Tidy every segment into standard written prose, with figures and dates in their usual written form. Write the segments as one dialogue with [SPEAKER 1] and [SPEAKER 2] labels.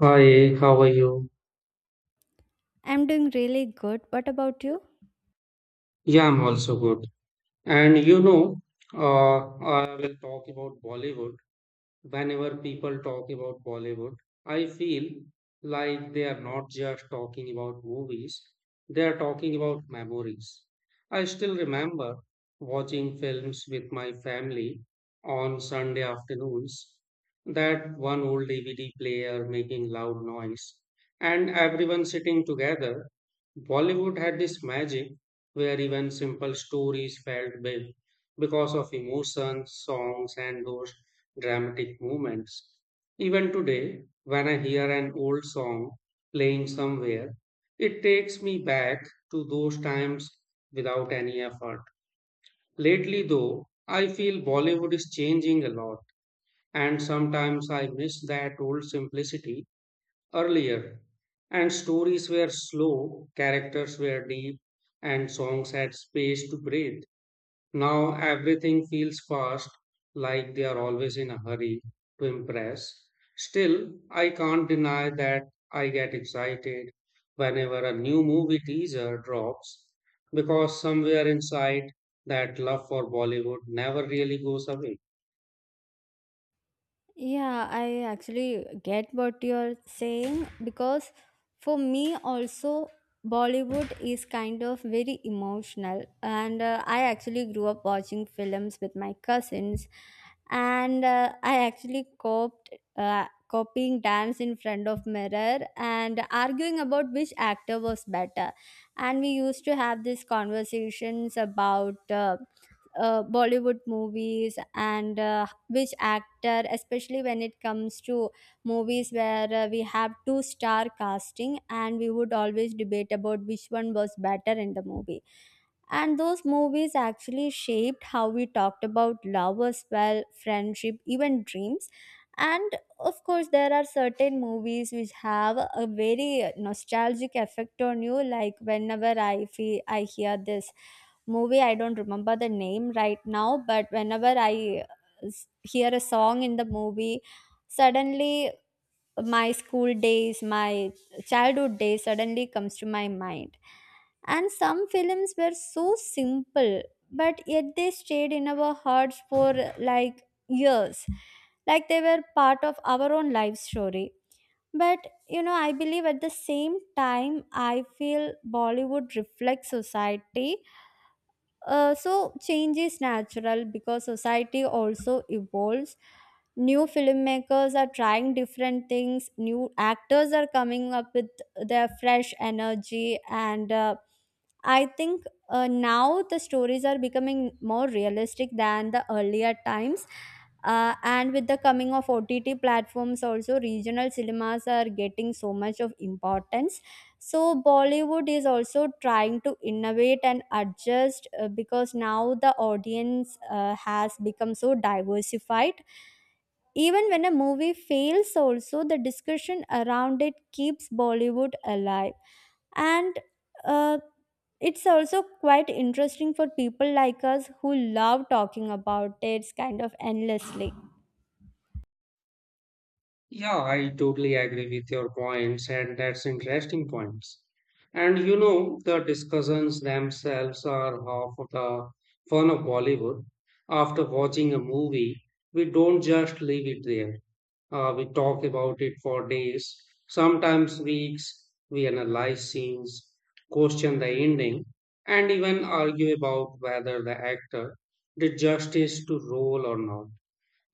[SPEAKER 1] Hi, how are you?
[SPEAKER 2] I'm doing really good. What about you?
[SPEAKER 1] Yeah, I'm also good. And you know, I will talk about Bollywood. Whenever people talk about Bollywood, I feel like they are not just talking about movies, they are talking about memories. I still remember watching films with my family on Sunday afternoons, that one old DVD player making loud noise, and everyone sitting together. Bollywood had this magic where even simple stories felt big because of emotions, songs, and those dramatic moments. Even today, when I hear an old song playing somewhere, it takes me back to those times without any effort. Lately, though, I feel Bollywood is changing a lot, and sometimes I miss that old simplicity earlier. And stories were slow, characters were deep, and songs had space to breathe. Now everything feels fast, like they are always in a hurry to impress. Still, I can't deny that I get excited whenever a new movie teaser drops because somewhere inside that love for Bollywood never really goes away.
[SPEAKER 2] Yeah, I actually get what you're saying because for me also Bollywood is kind of very emotional and I actually grew up watching films with my cousins and I actually coped copying dance in front of mirror and arguing about which actor was better and we used to have these conversations about Bollywood movies and which actor, especially when it comes to movies where we have two-star casting and we would always debate about which one was better in the movie. And those movies actually shaped how we talked about love as well, friendship, even dreams. And of course, there are certain movies which have a very nostalgic effect on you. Like whenever I hear this movie, I don't remember the name right now, but whenever I hear a song in the movie, suddenly my school days, my childhood days suddenly comes to my mind. And some films were so simple, but yet they stayed in our hearts for like years. Like they were part of our own life story. But I believe at the same time, I feel Bollywood reflects society, so change is natural because society also evolves. New filmmakers are trying different things. New actors are coming up with their fresh energy, and I think now the stories are becoming more realistic than the earlier times. And with the coming of OTT platforms, also regional cinemas are getting so much of importance, so Bollywood is also trying to innovate and adjust, because now the audience has become so diversified. Even when a movie fails, also the discussion around it keeps Bollywood alive, and uh, it's also quite interesting for people like us who love talking about it kind of endlessly.
[SPEAKER 1] Yeah, I totally agree with your points, and that's interesting points. And you know, the discussions themselves are half of the fun of Bollywood. After watching a movie, we don't just leave it there. We talk about it for days, sometimes weeks. We analyze scenes, question the ending, and even argue about whether the actor did justice to role or not.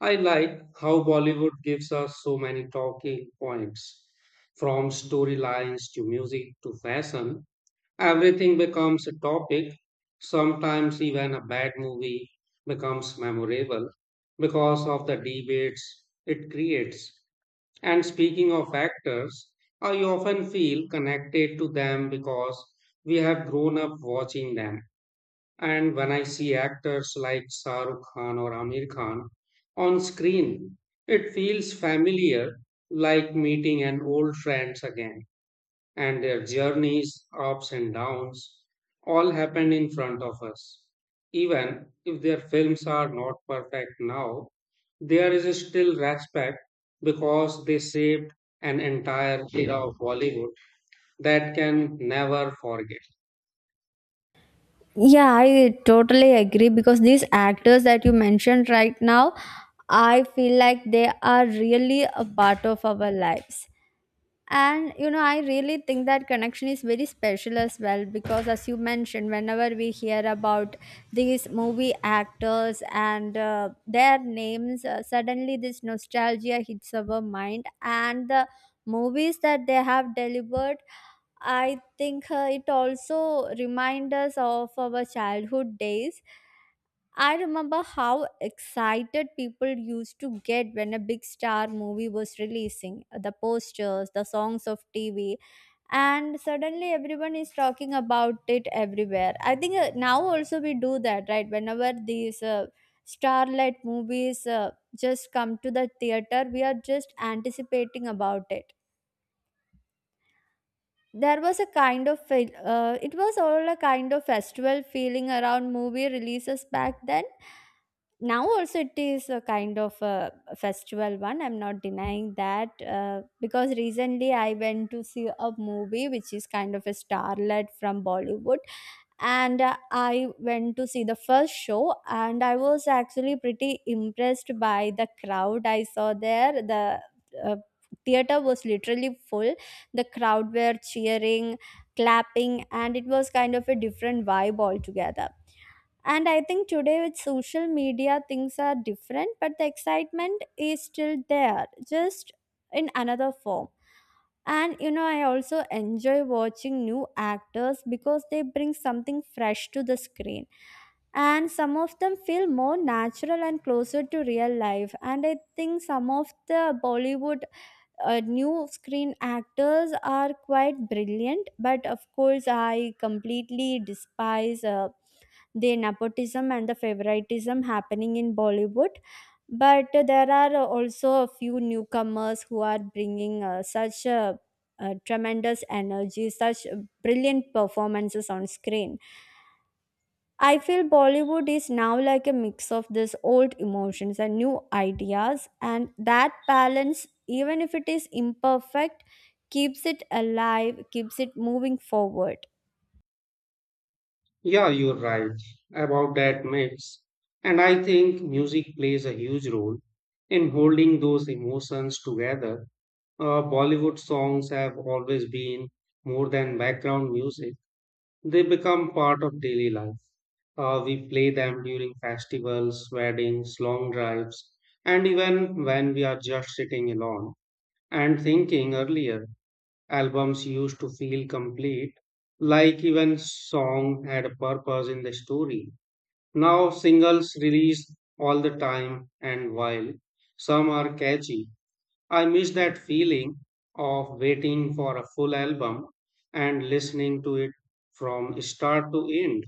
[SPEAKER 1] I like how Bollywood gives us so many talking points. From storylines to music to fashion, everything becomes a topic. Sometimes even a bad movie becomes memorable because of the debates it creates. And speaking of actors, I often feel connected to them because we have grown up watching them. And when I see actors like Shah Rukh Khan or Amir Khan on screen, it feels familiar, like meeting an old friends again. And their journeys, ups and downs, all happened in front of us. Even if their films are not perfect now, there is still respect because they saved an entire era of Bollywood that can never forget.
[SPEAKER 2] Yeah, I totally agree because these actors that you mentioned right now, I feel like they are really a part of our lives. And you know, I really think that connection is very special as well because, as you mentioned, whenever we hear about these movie actors and their names, suddenly this nostalgia hits our mind and the movies that they have delivered, I think it also reminds us of our childhood days. I remember how excited people used to get when a big star movie was releasing, the posters, the songs of TV, and suddenly everyone is talking about it everywhere. I think now also we do that, right? Whenever these starlight movies just come to the theater, we are just anticipating about it. There was a kind of it was all a kind of festival feeling around movie releases back then. Now also it is a kind of a festival one, I'm not denying that, because recently I went to see a movie which is kind of a starlet from Bollywood, and I went to see the first show and I was actually pretty impressed by the crowd I saw there. The uh, theater was literally full, the crowd were cheering, clapping, and it was kind of a different vibe altogether. And I think today with social media things are different, but the excitement is still there, just in another form. And you know, I also enjoy watching new actors because they bring something fresh to the screen, and some of them feel more natural and closer to real life. And I think some of the Bollywood new screen actors are quite brilliant, but of course, I completely despise the nepotism and the favoritism happening in Bollywood. But there are also a few newcomers who are bringing such tremendous energy, such brilliant performances on screen. I feel Bollywood is now like a mix of this old emotions and new ideas, and that balance, even if it is imperfect, keeps it alive, keeps it moving forward.
[SPEAKER 1] Yeah, you're right about that mix. And I think music plays a huge role in holding those emotions together. Bollywood songs have always been more than background music, they become part of daily life. We play them during festivals, weddings, long drives, and even when we are just sitting alone. And thinking earlier, albums used to feel complete, like even song had a purpose in the story now singles release all the time, and while some are catchy, I miss that feeling of waiting for a full album and listening to it from start to end.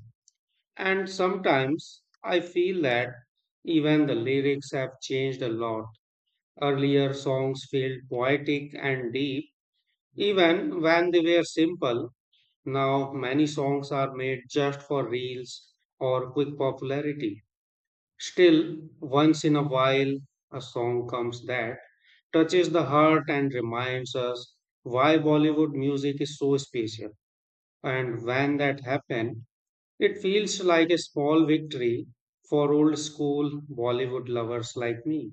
[SPEAKER 1] And sometimes I feel that even the lyrics have changed a lot. Earlier songs felt poetic and deep, even when they were simple. Now many songs are made just for reels or quick popularity. Still, once in a while, a song comes that touches the heart and reminds us why Bollywood music is so special. And when that happens, it feels like a small victory for old school Bollywood lovers like me.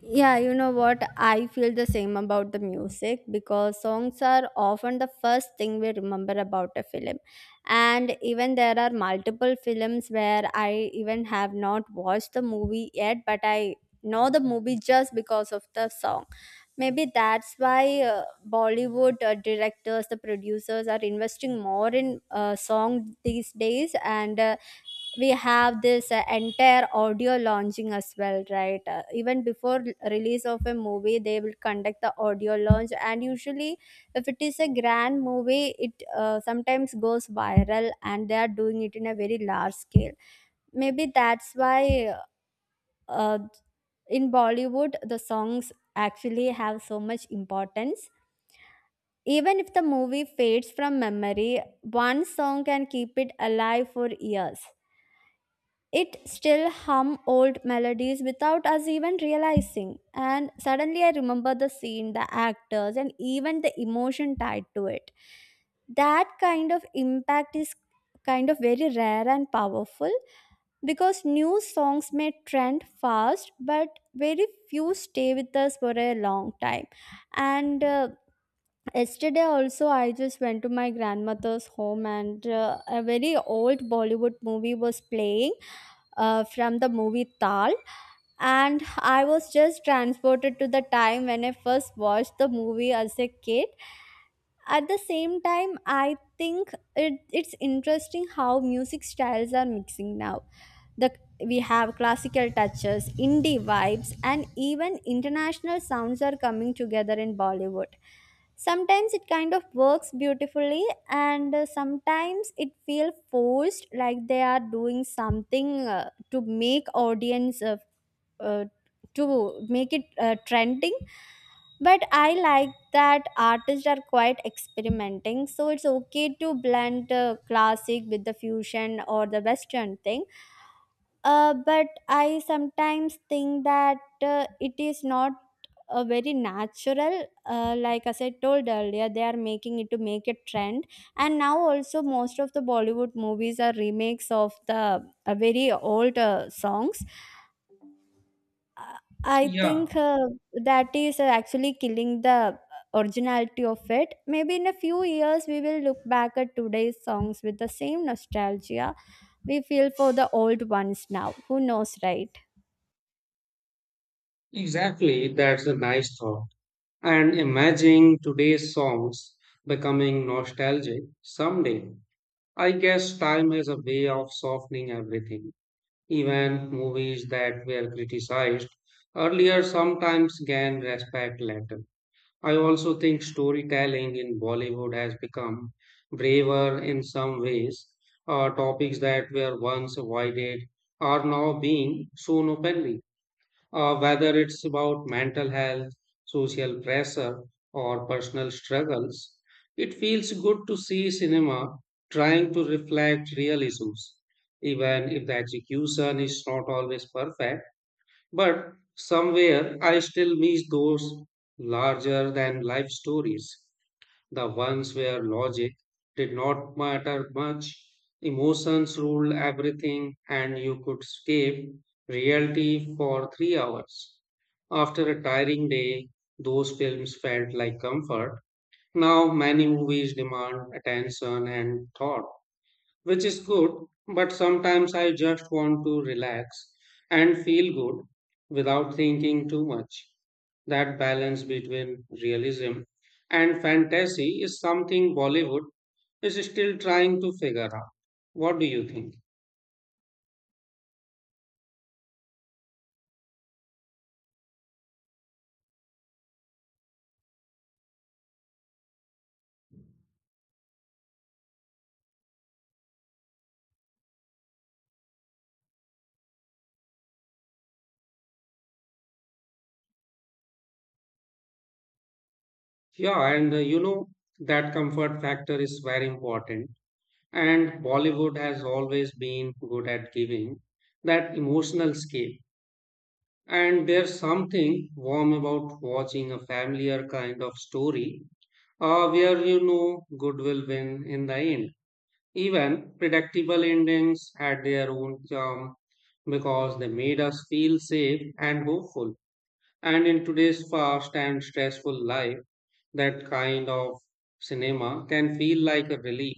[SPEAKER 2] Yeah, you know what? I feel the same about the music because songs are often the first thing we remember about a film. And even there are multiple films where I even have not watched the movie yet, but I know the movie just because of the song. Maybe that's why Bollywood directors, the producers are investing more in song these days, and we have this entire audio launching as well, right? Even before release of a movie they will conduct the audio launch, and usually if it is a grand movie it sometimes goes viral and they are doing it in a very large scale. Maybe that's why uh, in Bollywood the songs actually have so much importance. Even if the movie fades from memory, one song can keep it alive for years. It still hum old melodies without us even realizing. And suddenly I remember the scene, the actors, and even the emotion tied to it. That kind of impact is kind of very rare and powerful, because new songs may trend fast, but very few stay with us for a long time. And Yesterday, also, I just went to my grandmother's home, and a very old Bollywood movie was playing, from the movie Tal. And I was just transported to the time when I first watched the movie as a kid. At the same time I think it's interesting how music styles are mixing now. The We have classical touches, indie vibes, and even international sounds are coming together in Bollywood. Sometimes it kind of works beautifully, and sometimes it feels forced, like they are doing something to make audience uh, to make it trending. But I like that artists are quite experimenting, so it's okay to blend classic with the fusion or the western thing. But I sometimes think that it is not a very natural, like as I told earlier, they are making it to make a trend. And now also most of the Bollywood movies are remakes of the very old songs. I I
[SPEAKER 1] Yeah,
[SPEAKER 2] think that is actually killing the originality of it. Maybe in a few years, we will look back at today's songs with the same nostalgia we feel for the old ones now. Who knows, right?
[SPEAKER 1] exactly. That's a nice thought. And imagine today's songs becoming nostalgic someday. I guess time has a way of softening everything. Even movies that were criticized earlier sometimes gain respect later. I also think storytelling in Bollywood has become braver in some ways. Topics that were once avoided are now being shown openly whether it's about mental health, social pressure, or personal struggles. It feels good to see cinema trying to reflect real issues, even if the execution is not always perfect. But somewhere I still miss those larger than life stories the ones where logic did not matter much, emotions ruled everything, and you could escape reality for 3 hours. After a tiring day, those films felt like comfort. Now, many movies demand attention and thought which is good, but sometimes I just want to relax and feel good without thinking too much. That balance between realism and fantasy is something Bollywood is still trying to figure out. What do you think? Yeah, and you know, that comfort factor is very important. And Bollywood has always been good at giving that emotional scale. And there's something warm about watching a familiar kind of story where you know good will win in the end. Even predictable endings had their own charm because they made us feel safe and hopeful. And in today's fast and stressful life, that kind of cinema can feel like a relief.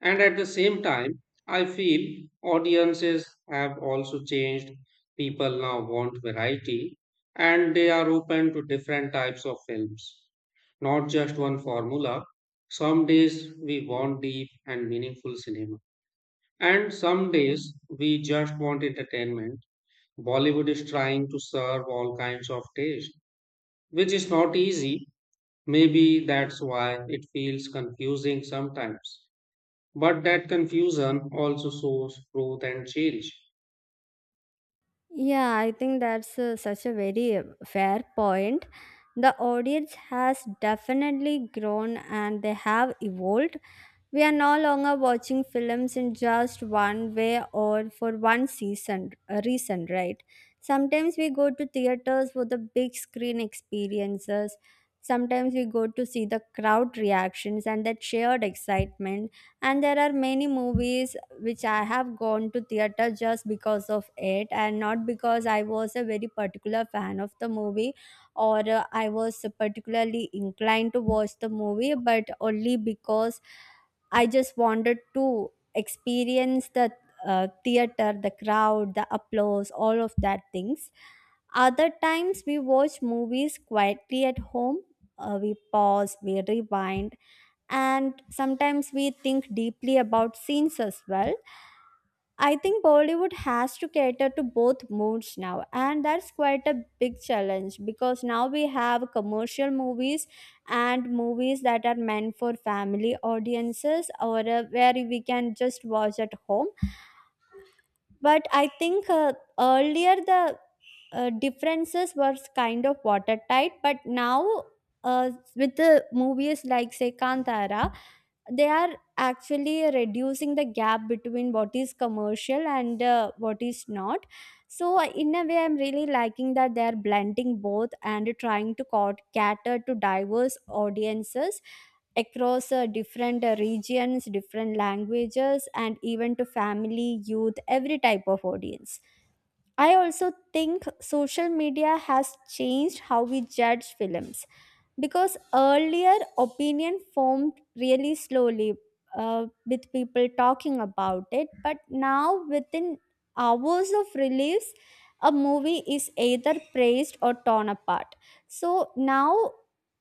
[SPEAKER 1] And at the same time, I feel audiences have also changed. People now want variety and they are open to different types of films, not just one formula. Some days we want deep and meaningful cinema, and some days we just want entertainment. Bollywood is trying to serve all kinds of taste, which is not easy. Maybe that's why it feels confusing sometimes. But that confusion also shows growth and change.
[SPEAKER 2] Yeah, I think that's such a very fair point. The audience has definitely grown and they have evolved. We are no longer watching films in just one way or for one season reason, right? Sometimes we go to theaters for the big screen experiences. Sometimes we go to see the crowd reactions and that shared excitement. And there are many movies which I have gone to theater just because of it and not because I was a very particular fan of the movie, or I was particularly inclined to watch the movie, but only because I just wanted to experience the theater, the crowd, the applause, all of that things. Other times we watch movies quietly at home. We pause, we rewind, and sometimes we think deeply about scenes as well. I think Bollywood has to cater to both moods now, and that's quite a big challenge because now we have commercial movies and movies that are meant for family audiences, or where we can just watch at home. But I think earlier the differences were kind of watertight, but now, with the movies like say Kantara, they are actually reducing the gap between what is commercial and what is not. So in a way I'm really liking that they are blending both and trying to cater to diverse audiences across different regions, different languages, and even to family, youth, every type of audience. I also think social media has changed how we judge films because earlier opinion formed really slowly, with people talking about it, but now within hours of release a movie is either praised or torn apart. So now,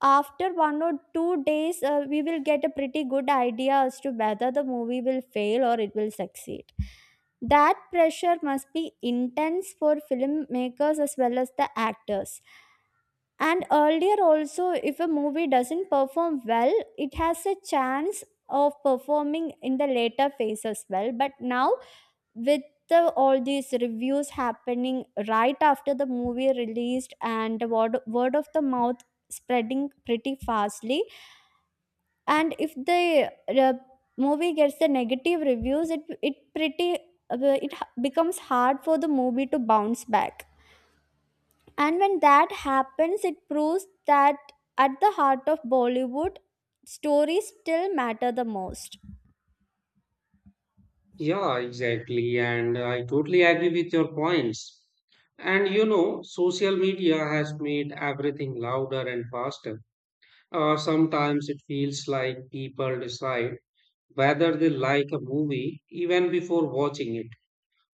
[SPEAKER 2] after 1 or 2 days we will get a pretty good idea as to whether the movie will fail or it will succeed. That pressure must be intense for filmmakers as well as the actors. And earlier also, if a movie doesn't perform well, it has a chance of performing in the later phase as well, but now with all these reviews happening right after the movie released, and the word of the mouth spreading pretty fastly, and if the uh, movie gets the negative reviews, it pretty becomes hard for the movie to bounce back. And when that happens, it proves that at the heart of Bollywood, stories still matter the most.
[SPEAKER 1] Yeah, exactly. And I totally agree with your points. And you know, social media has made everything louder and faster. Sometimes it feels like people decide whether they like a movie even before watching it,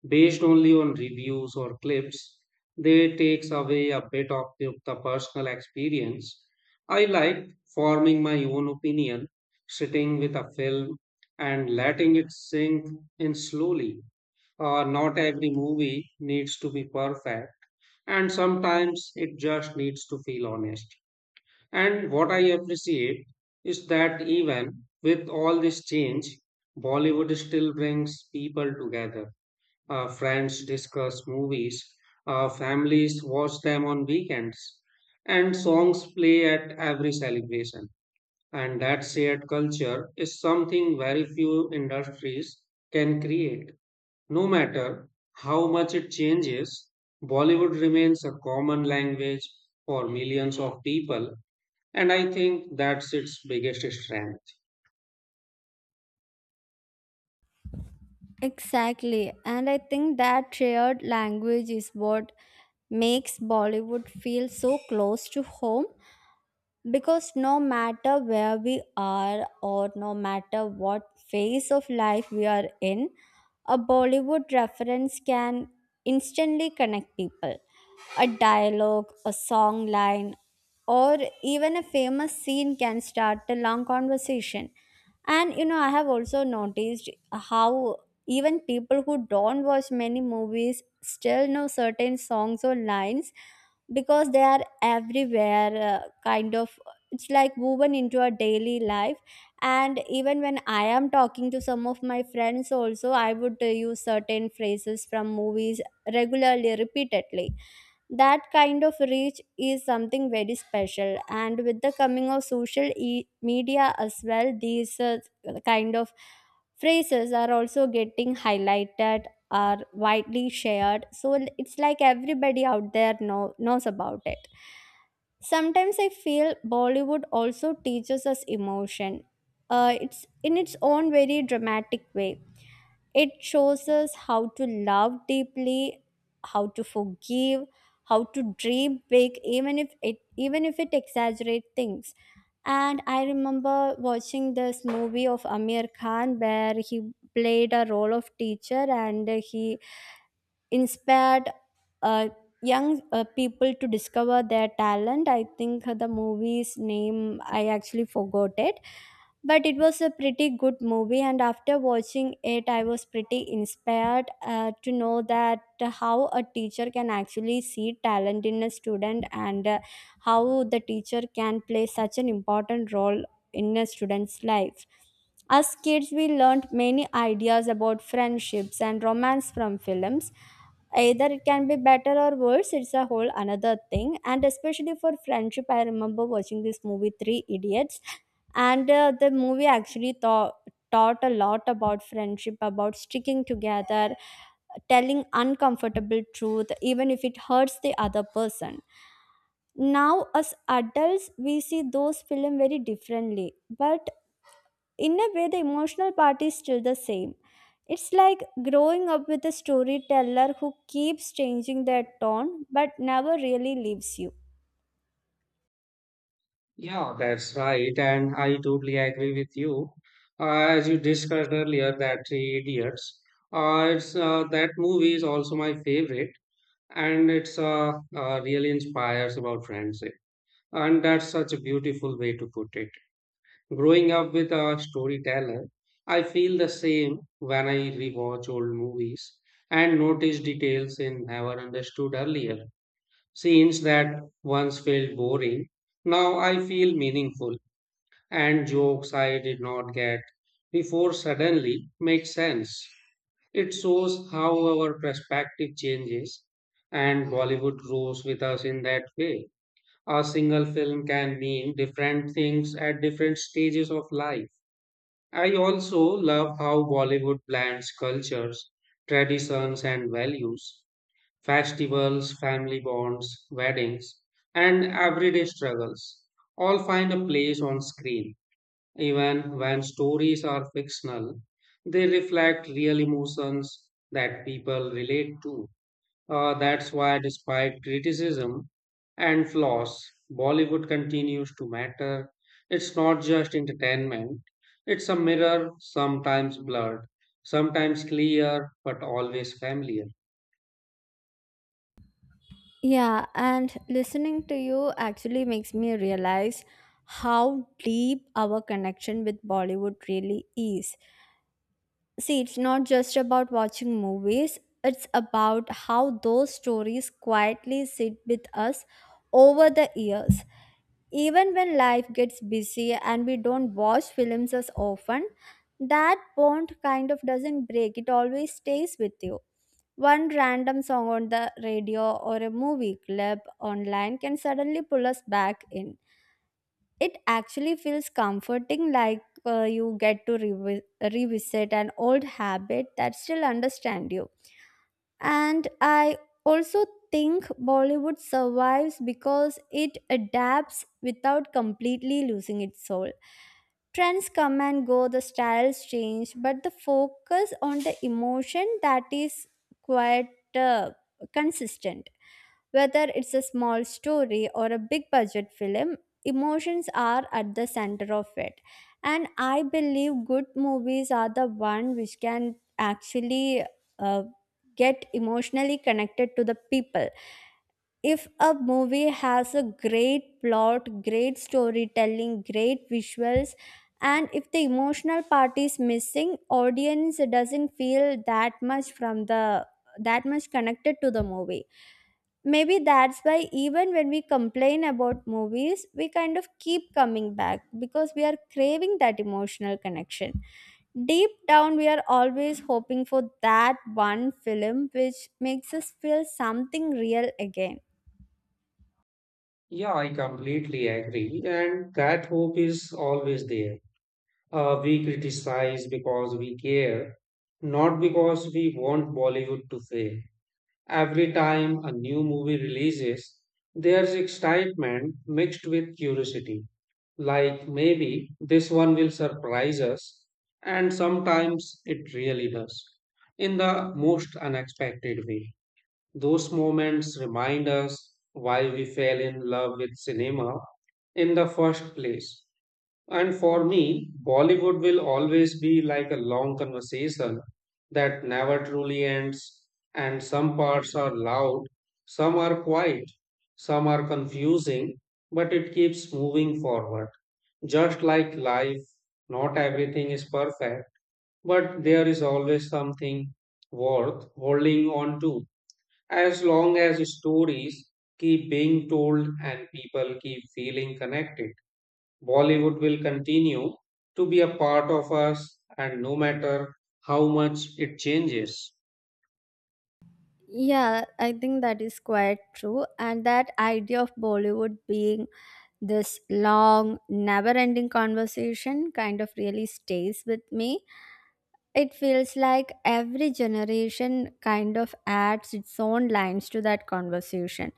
[SPEAKER 1] based only on reviews or clips, they takes away a bit of the personal experience. I like forming my own opinion, sitting with a film and letting it sink in slowly. Not every movie needs to be perfect, and sometimes it just needs to feel honest. And what I appreciate is that even with all this change, Bollywood still brings people together friends discuss movies, families watch them on weekends, and songs play at every celebration. And that shared culture is something very few industries can create. No matter how much it changes, Bollywood remains a common language for millions of people, and I think that's its biggest strength.
[SPEAKER 2] Exactly. And I think that shared language is what makes Bollywood feel so close to home. Because no matter where we are or no matter what phase of life we are in, a Bollywood reference can instantly connect people. A dialogue, a song line, or even a famous scene can start a long conversation. And I have also noticed how even people who don't watch many movies still know certain songs or lines, because they are everywhere, kind of. It's like woven into our daily life. And even when I am talking to some of my friends also, I would use certain phrases from movies, regularly, repeatedly. That kind of reach is something very special. And with the coming of social media as well, these kind of phrases are also getting highlighted, are widely shared. So it's like everybody out there knows about it. Sometimes I feel Bollywood also teaches us emotion. It's in its own very dramatic way. It shows us how to love deeply, how to forgive, how to dream big, even if it exaggerates things. And I remember watching this movie of Amir Khan where he played a role of teacher, and he inspired uh, young people to discover their talent. I think the movie's name I actually forgot it, but it was a pretty good movie. And after watching it, I was pretty inspired to know that how a teacher can actually see talent in a student, and how the teacher can play such an important role in a student's life. As kids, we learned many ideas about friendships and romance from films. Either it can be better or worse, it's a whole another thing. And especially for friendship, I remember watching this movie Three Idiots. And the movie actually taught a lot about friendship, about sticking together, telling uncomfortable truth even if it hurts the other person. Now as adults we see those film very differently, but in a way the emotional part is still the same. It's like growing up with a storyteller who keeps changing their tone but never really leaves you.
[SPEAKER 1] Yeah, that's right, and I totally agree with you. As you discussed earlier, that Three Idiots, it's that movie is also my favorite, and it's really inspires about friendship, and that's such a beautiful way to put it. Growing up with a storyteller, I feel the same when I rewatch old movies and notice details in never understood earlier. Scenes that once felt boring now I feel meaningful and jokes I did not get before suddenly make sense. It shows how our perspective changes, and Bollywood grows with us in that way. A single film can mean different things at different stages of life. I also love how Bollywood blends cultures, traditions, and values. Festivals, family bonds, weddings, and everyday struggles all find a place on screen. Even when stories are fictional, they reflect real emotions that people relate to. That's why, despite criticism and flaws, Bollywood continues to matter. It's not just entertainment, it's a mirror, sometimes blurred, sometimes clear, but always familiar.
[SPEAKER 2] Yeah, and listening to you actually makes me realize how deep our connection with Bollywood really is. See, it's not just about watching movies, it's about how those stories quietly sit with us over the years. Even when life gets busy and we don't watch films as often, that bond kind of doesn't break, it always stays with you. One random song on the radio or a movie clip online can suddenly pull us back in. It actually feels comforting, like you get to revisit an old habit that still understands you. And I also think Bollywood survives because it adapts without completely losing its soul. Trends come and go, the styles change, but the focus on the emotion, that is quite, uh, consistent. Whether it's a small story or a big budget film, emotions are at the center of it. And I believe good movies are the one which can actually uh, get emotionally connected to the people. If a movie has a great plot, great storytelling, great visuals, and if the emotional part is missing, audience doesn't feel that much connected to the movie. Maybe that's why, even when we complain about movies, we kind of keep coming back, because we are craving that emotional connection. Deep down, we are always hoping for that one film which makes us feel something real again.
[SPEAKER 1] Yeah, I completely agree, and that hope is always there. We criticize because we care, not because we want Bollywood to fail. Every time a new movie releases, there's excitement mixed with curiosity. Like maybe this one will surprise us, and sometimes it really does in the most unexpected way. Those moments remind us why we fell in love with cinema in the first place. And for me, Bollywood will always be like a long conversation that never truly ends, and some parts are loud, some are quiet, some are confusing, but it keeps moving forward. Just like life, not everything is perfect, but there is always something worth holding on to. As long as stories keep being told and people keep feeling connected. Bollywood will continue to be a part of us, and no matter how much it changes.
[SPEAKER 2] Yeah, I think that is quite true. And that idea of Bollywood being this long, never ending conversation kind of really stays with me. It feels like every generation kind of adds its own lines to that conversation,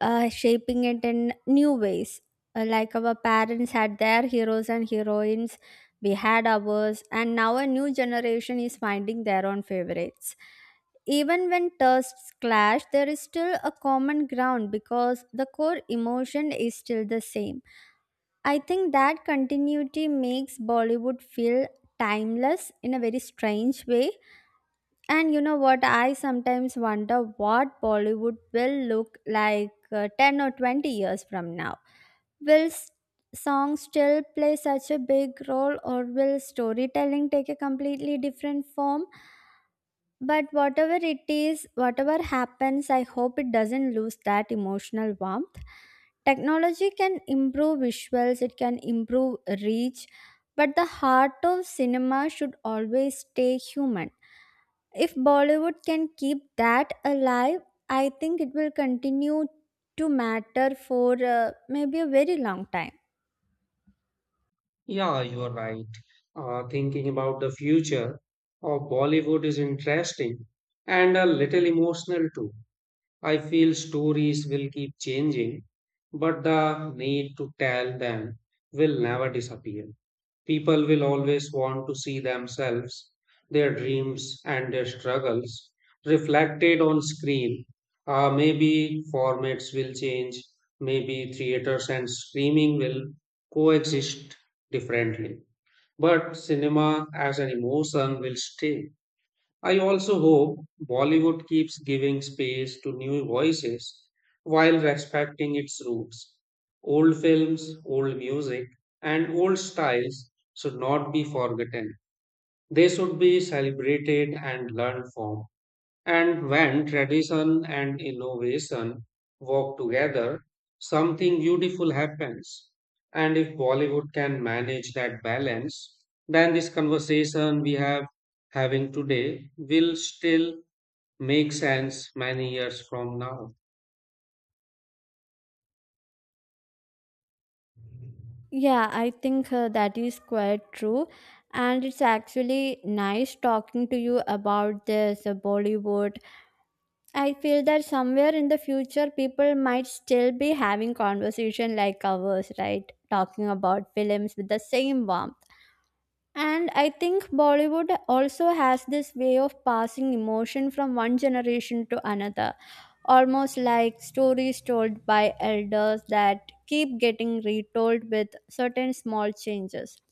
[SPEAKER 2] shaping it in new ways. Like our parents had their heroes and heroines, we had ours, and now a new generation is finding their own favorites. Even when tastes clash, there is still a common ground, because the core emotion is still the same. I think that continuity makes Bollywood feel timeless in a very strange way. And you know what? I sometimes wonder what Bollywood will look like 10 or 20 years from now. Will songs still play such a big role, or will storytelling take a completely different form? But whatever it is, whatever happens, I hope it doesn't lose that emotional warmth. Technology can improve visuals, it can improve reach, but the heart of cinema should always stay human. If Bollywood can keep that alive, I think it will continue to matter for maybe a very long time.
[SPEAKER 1] Yeah, you're right. Thinking about the future of Bollywood is interesting and a little emotional too. I feel stories will keep changing, but the need to tell them will never disappear. People will always want to see themselves, their dreams, and their struggles reflected on screen. Maybe formats will change, maybe theaters and streaming will coexist differently. But cinema as an emotion will stay. I also hope Bollywood keeps giving space to new voices while respecting its roots. Old films, old music, and old styles should not be forgotten. They should be celebrated and learned from. And when tradition and innovation work together, something beautiful happens. And if Bollywood can manage that balance, then this conversation we have having today will still make sense many years from now.
[SPEAKER 2] Yeah, I think that is quite true. And it's actually nice talking to you about this Bollywood. I feel that somewhere in the future, people might still be having conversation like ours, right? Talking about films with the same warmth. And I think Bollywood also has this way of passing emotion from one generation to another, almost like stories told by elders that keep getting retold with certain small changes.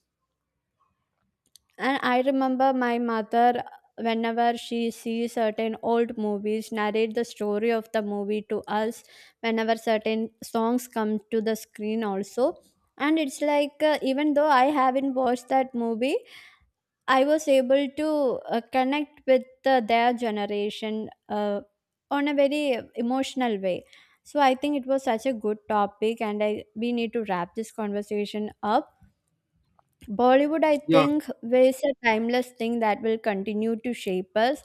[SPEAKER 2] And I remember my mother, whenever she sees certain old movies, narrate the story of the movie to us whenever certain songs come to the screen, also. And it's like, even though I haven't watched that movie, I was able to connect with their generation on a very emotional way. So I think it was such a good topic, and I we need to wrap this conversation up. Bollywood, I
[SPEAKER 1] Yeah,
[SPEAKER 2] think, is a timeless thing that will continue to shape us.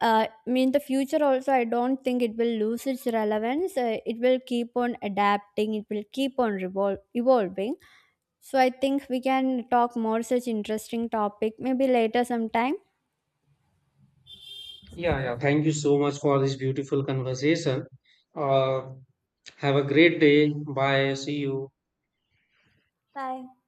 [SPEAKER 2] I mean, the future also, I don't think it will lose its relevance. It will keep on adapting. It will keep on evolving. So I think we can talk more such interesting topic maybe later sometime.
[SPEAKER 1] yeah, yeah. Thank you so much for this beautiful conversation. Uh, have a great day. Bye. See you.
[SPEAKER 2] Bye.